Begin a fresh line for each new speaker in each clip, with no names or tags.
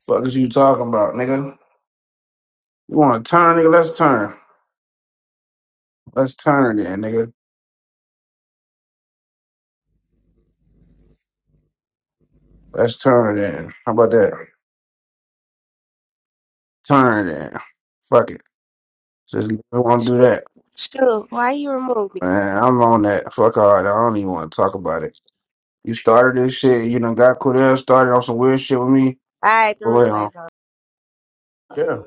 Fuck is you talking about, nigga? You want to turn, nigga? Let's turn. Let's turn it in, nigga. Let's turn it in. How about that? Turn it in. Fuck it. Just want to do
Shoot,
that,
shoot, why you remove me?
man. I'm on that. Fuck all that. I don't even want to talk about it. You started this shit. You done got Cordell started on some weird shit with me.
I had the
But wait on.
replays on.
Yeah.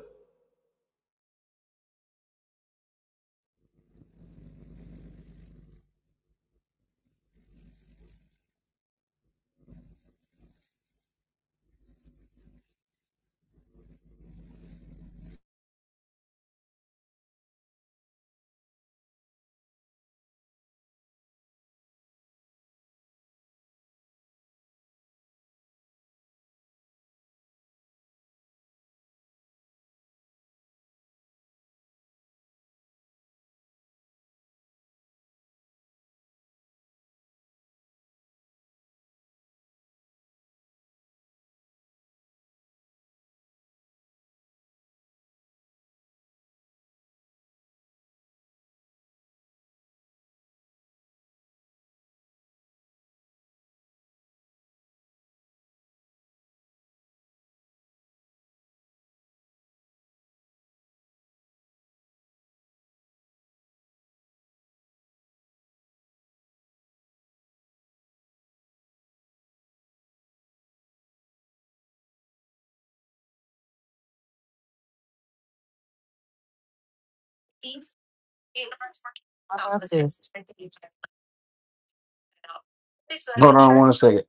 Hold on one second.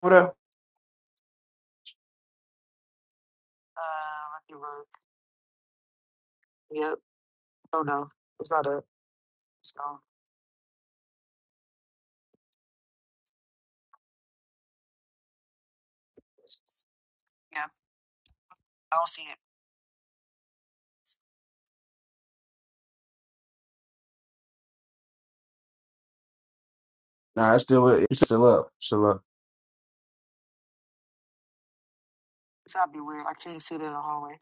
What up?
Uh, let me look. Yep. Oh no, it's not up. It's gone. It's just, yeah, I don't see it.
Nah, it's still it's still up. Still up.
So that'd be weird. I can't see it in the hallway.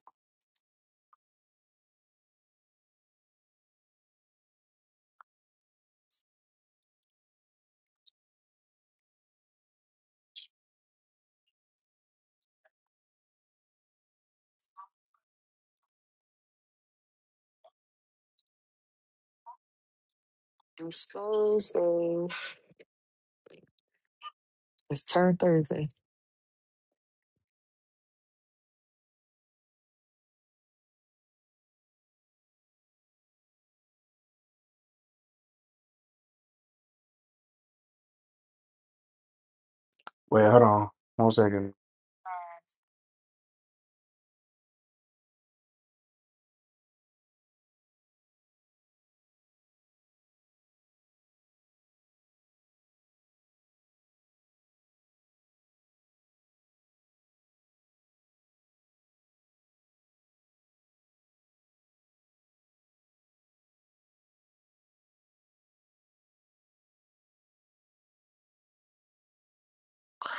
It's Thursday. It's turn Thursday.
Wait, hold on. One second.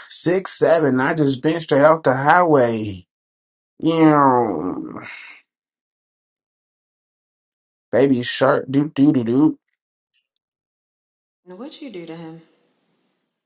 Six seven. I just been straight off the highway. Yeah. Baby shark doo doo doo doo.
Now, What you do to him?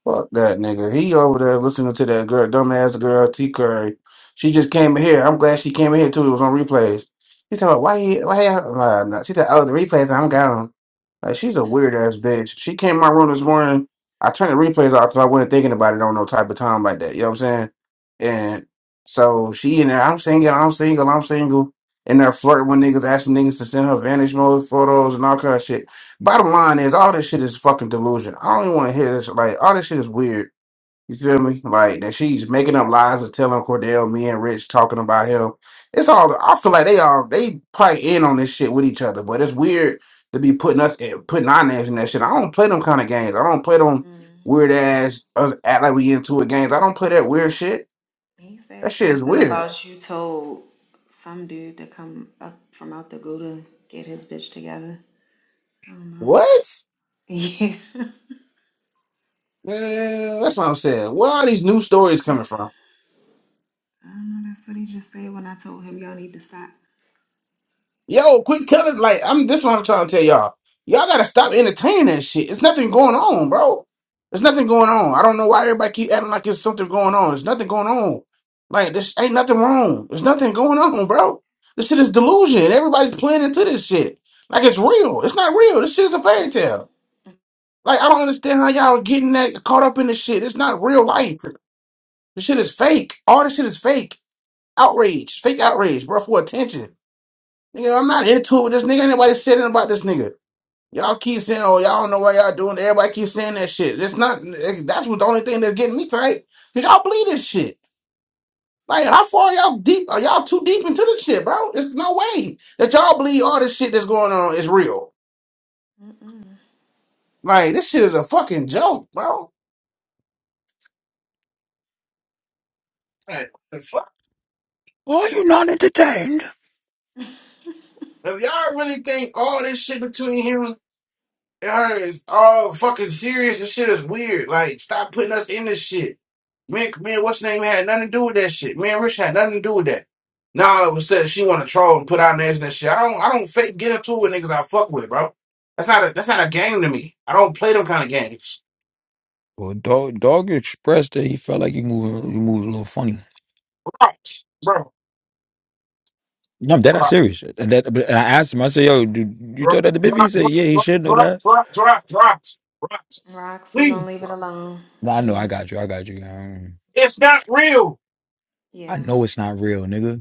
Fuck that nigga. He over there listening to that girl, dumbass girl T Curry. She just came in here. I'm glad she came in here too. It was on replays. She's talking about why he why he, no, I'm not. She said, Oh, the replays, I'm gone. Like she's a weird ass bitch. She came in my room this morning. I turned the replays off because I wasn't thinking about it on no type of time like that. You know what I'm saying? And so she in there, I'm single, I'm single, I'm single. And they're flirting with niggas, asking niggas to send her vanish mode photos and all kind of shit. Bottom line is, all this shit is fucking delusion. I don't even want to hear this. Like, all this shit is weird. You feel me? Like that she's making up lies and telling Cordell, me and Rich talking about him. It's all. I feel like they all they probably in on this shit with each other. But it's weird to be putting us in, putting our names in that shit. I don't play them kind of games. I don't play them
hmm
weird ass us act like we into it games. I don't play that weird shit.
He
That
said
shit is
something
weird.
about you told some dude to come up from out the go to get his bitch together. I don't know.
What?
Yeah.
Man, that's what I'm saying. Where are these new stories coming from?
I don't know. That's what he just said when I told him y'all need to stop.
Yo, quit telling like I'm this is what I'm trying to tell y'all. Y'all gotta stop entertaining that shit. It's nothing going on, bro. There's nothing going on. I don't know why everybody keep acting like there's something going on. There's nothing going on. Like this ain't nothing wrong. There's nothing going on, bro. This shit is delusion. Everybody's playing into this shit. Like it's real. It's not real. This shit is a fairy tale. Like I don't understand how y'all getting that caught up in this shit. It's not real life. This shit is fake. All this shit is fake. Outrage. Fake outrage, bro, for attention. Nigga, I'm not into it with this nigga. Anybody saying about this nigga? Y'all keep saying, oh, y'all don't know what y'all doing. Everybody keep saying that shit. It's not, eh, that's what the only thing that's getting me tight. Cause y'all believe this shit. Like, how far y'all deep? Are y'all too deep into this shit, bro? There's no way that y'all believe all this shit that's going on is real.
Mm-mm.
Like, this shit is a fucking joke, bro. Like, the fuck?
Why are you not entertained?
If y'all really think all this shit between him Her is all fucking serious. This shit is weird. Like, stop putting us in this shit. Me and, me and what's name had nothing to do with that shit. Me and Rich had nothing to do with that. Now all of a sudden she want to troll and put out names and that shit. I don't. I don't fake get into it with niggas I fuck with, bro. That's not a. That's not a game to me. I don't play them kind of games.
Well, dog, dog expressed that he felt like he moved, he moved a little funny.
Drops, bro.
No, I'm dead ass
Drop,
serious. And that, but I asked him. I said, "Yo, dude, you
drop,
told that to Biffy?" He
drop,
said, "Yeah,
drop,
he should know
drop,
that."
drop, drop, drops, drops.
Rocks, we gonna
Please,
leave it
bro.
alone.
Nah, I know. I
Yeah.
got you. I got you. Um,
It's not real.
I
Yeah.
know it's not real, nigga.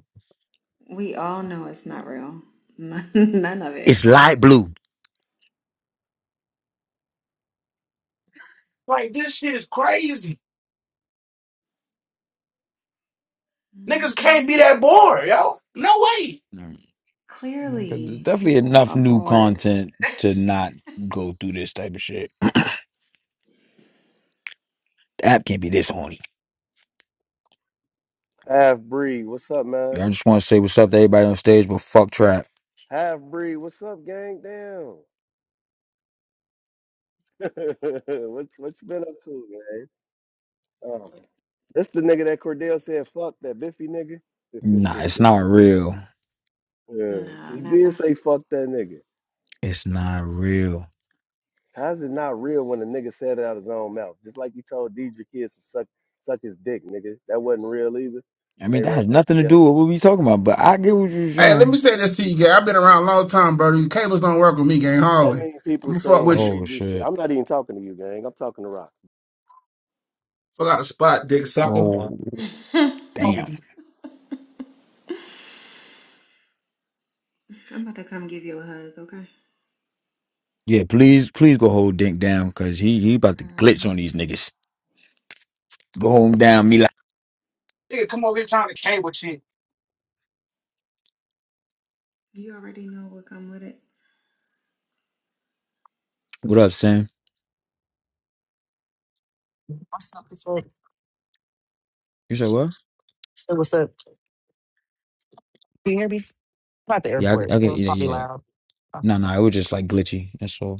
We all know it's not real. None of
It's
it.
light blue.
Like this shit is crazy. Niggas
hmm
can't be that bored, yo. No way.
Mm. Because there's
Clearly,
definitely
people
enough
are
new
bored.
content to not go through this type of shit. The app can't be this horny.
Half breed, what's up, man?
I just want to say what's up to everybody on stage, but fuck trap.
Half breed, what's up, gang? Damn. what's what you been up to, man? Oh, that's the nigga that Cordell said, fuck that Biffy nigga.
Nah, it's not real.
yeah,
No,
he did
never.
say fuck that nigga.
It's not real.
How's it not real when a nigga said it out his own mouth? Just like you told Deidre kids to suck suck his dick, nigga. That wasn't real either.
I
And
mean,
they
that has
right back
nothing to
together.
do with what we talking about, but I get what you're
Hey, let me
saying.
say this to you, gang. I've been around a long time, brother. You cables don't work with me, gang.
That
Hallway.
many
I'm
people
gonna fuck
saying
with you.
Oh
egregious shit.
shit.
I'm not even talking to you, gang. I'm talking to Rock.
Fuck out the spot, dick sucker.
Oh
Fuck
I'm
damn.
with you.
about to come give you a hug, okay?
Yeah, please, please go hold Dink down, cause he he about to glitch on
hmm
these niggas. Go hold him down, Mila.
Nigga, come over here trying to cable shit.
You already know what come with it.
What up, Sam?
What's up? What's up?
You said what?
So what's up? Can you hear me? I'm at the
Yeah,
airport.
I, I
So
get
it's
yeah,
probably
yeah.
loud. Okay.
No, no, it was just like glitchy. That's all.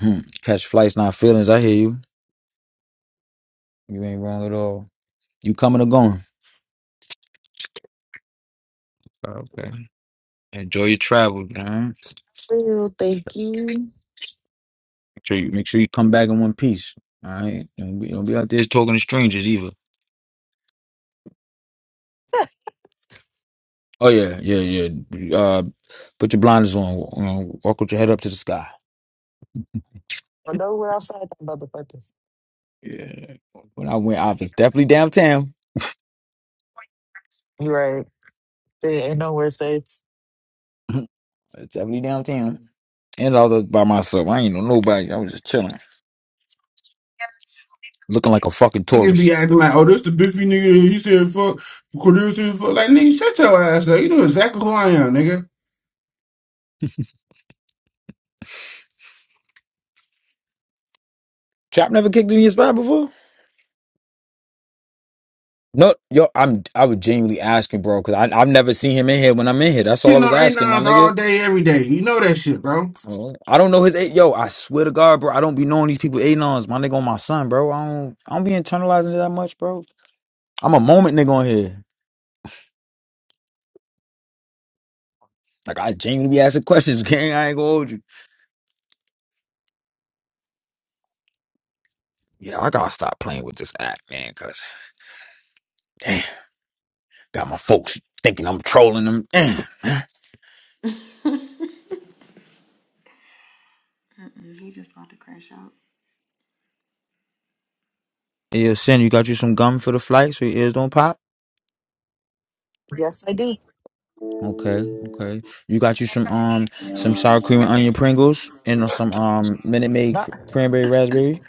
Hmm. Catch flights, not feelings. I hear you. You ain't wrong at all. You coming or going? Okay. Enjoy your travels, man.
Well, thank
Make
you.
sure you, make sure you come back in one piece. All right. Don't be, don't be out there talking to strangers either. Oh yeah, yeah, yeah. Uh, put your blinders on. You know, walk with your head up to the sky.
I know we're outside that motherfucker.
Yeah. When I went, out, it's definitely downtown.
you right. There ain't nowhere safe.
It's definitely downtown. And I was by myself. I ain't know nobody. I was just chilling, looking like a fucking
Niggas
tourist.
be acting like, oh, this the beefy nigga. He said fuck. Cordell said fuck. Like, nigga, shut your ass up. You know exactly who I am, nigga.
Trap never kicked in your spot before. No, yo, I'm. I was genuinely asking, bro, because I I've never seen him in here when I'm in here. That's all I
10
was
on 8
asking, my
nines
nigga.
all day, every day. You know that shit, bro.
I don't know his eight. Yo, I swear to God, bro, I don't be knowing these people eight ons. My nigga on my son, bro. I don't. I don't be internalizing it that much, bro. I'm a moment nigga on here. Like I genuinely be asking questions, gang. I ain't gonna hold you. Yeah, I gotta stop playing with this app, man. Cause damn, got my folks thinking I'm trolling them. Damn.
Mm-mm, he just about to crash out.
Yeah, Sin, you got you some gum for the flight so your ears don't pop.
Yes, I do.
Okay, okay. You got you some um some sour cream and onion Pringles and uh, some um Minute Maid cr-
Not,
cranberry raspberry.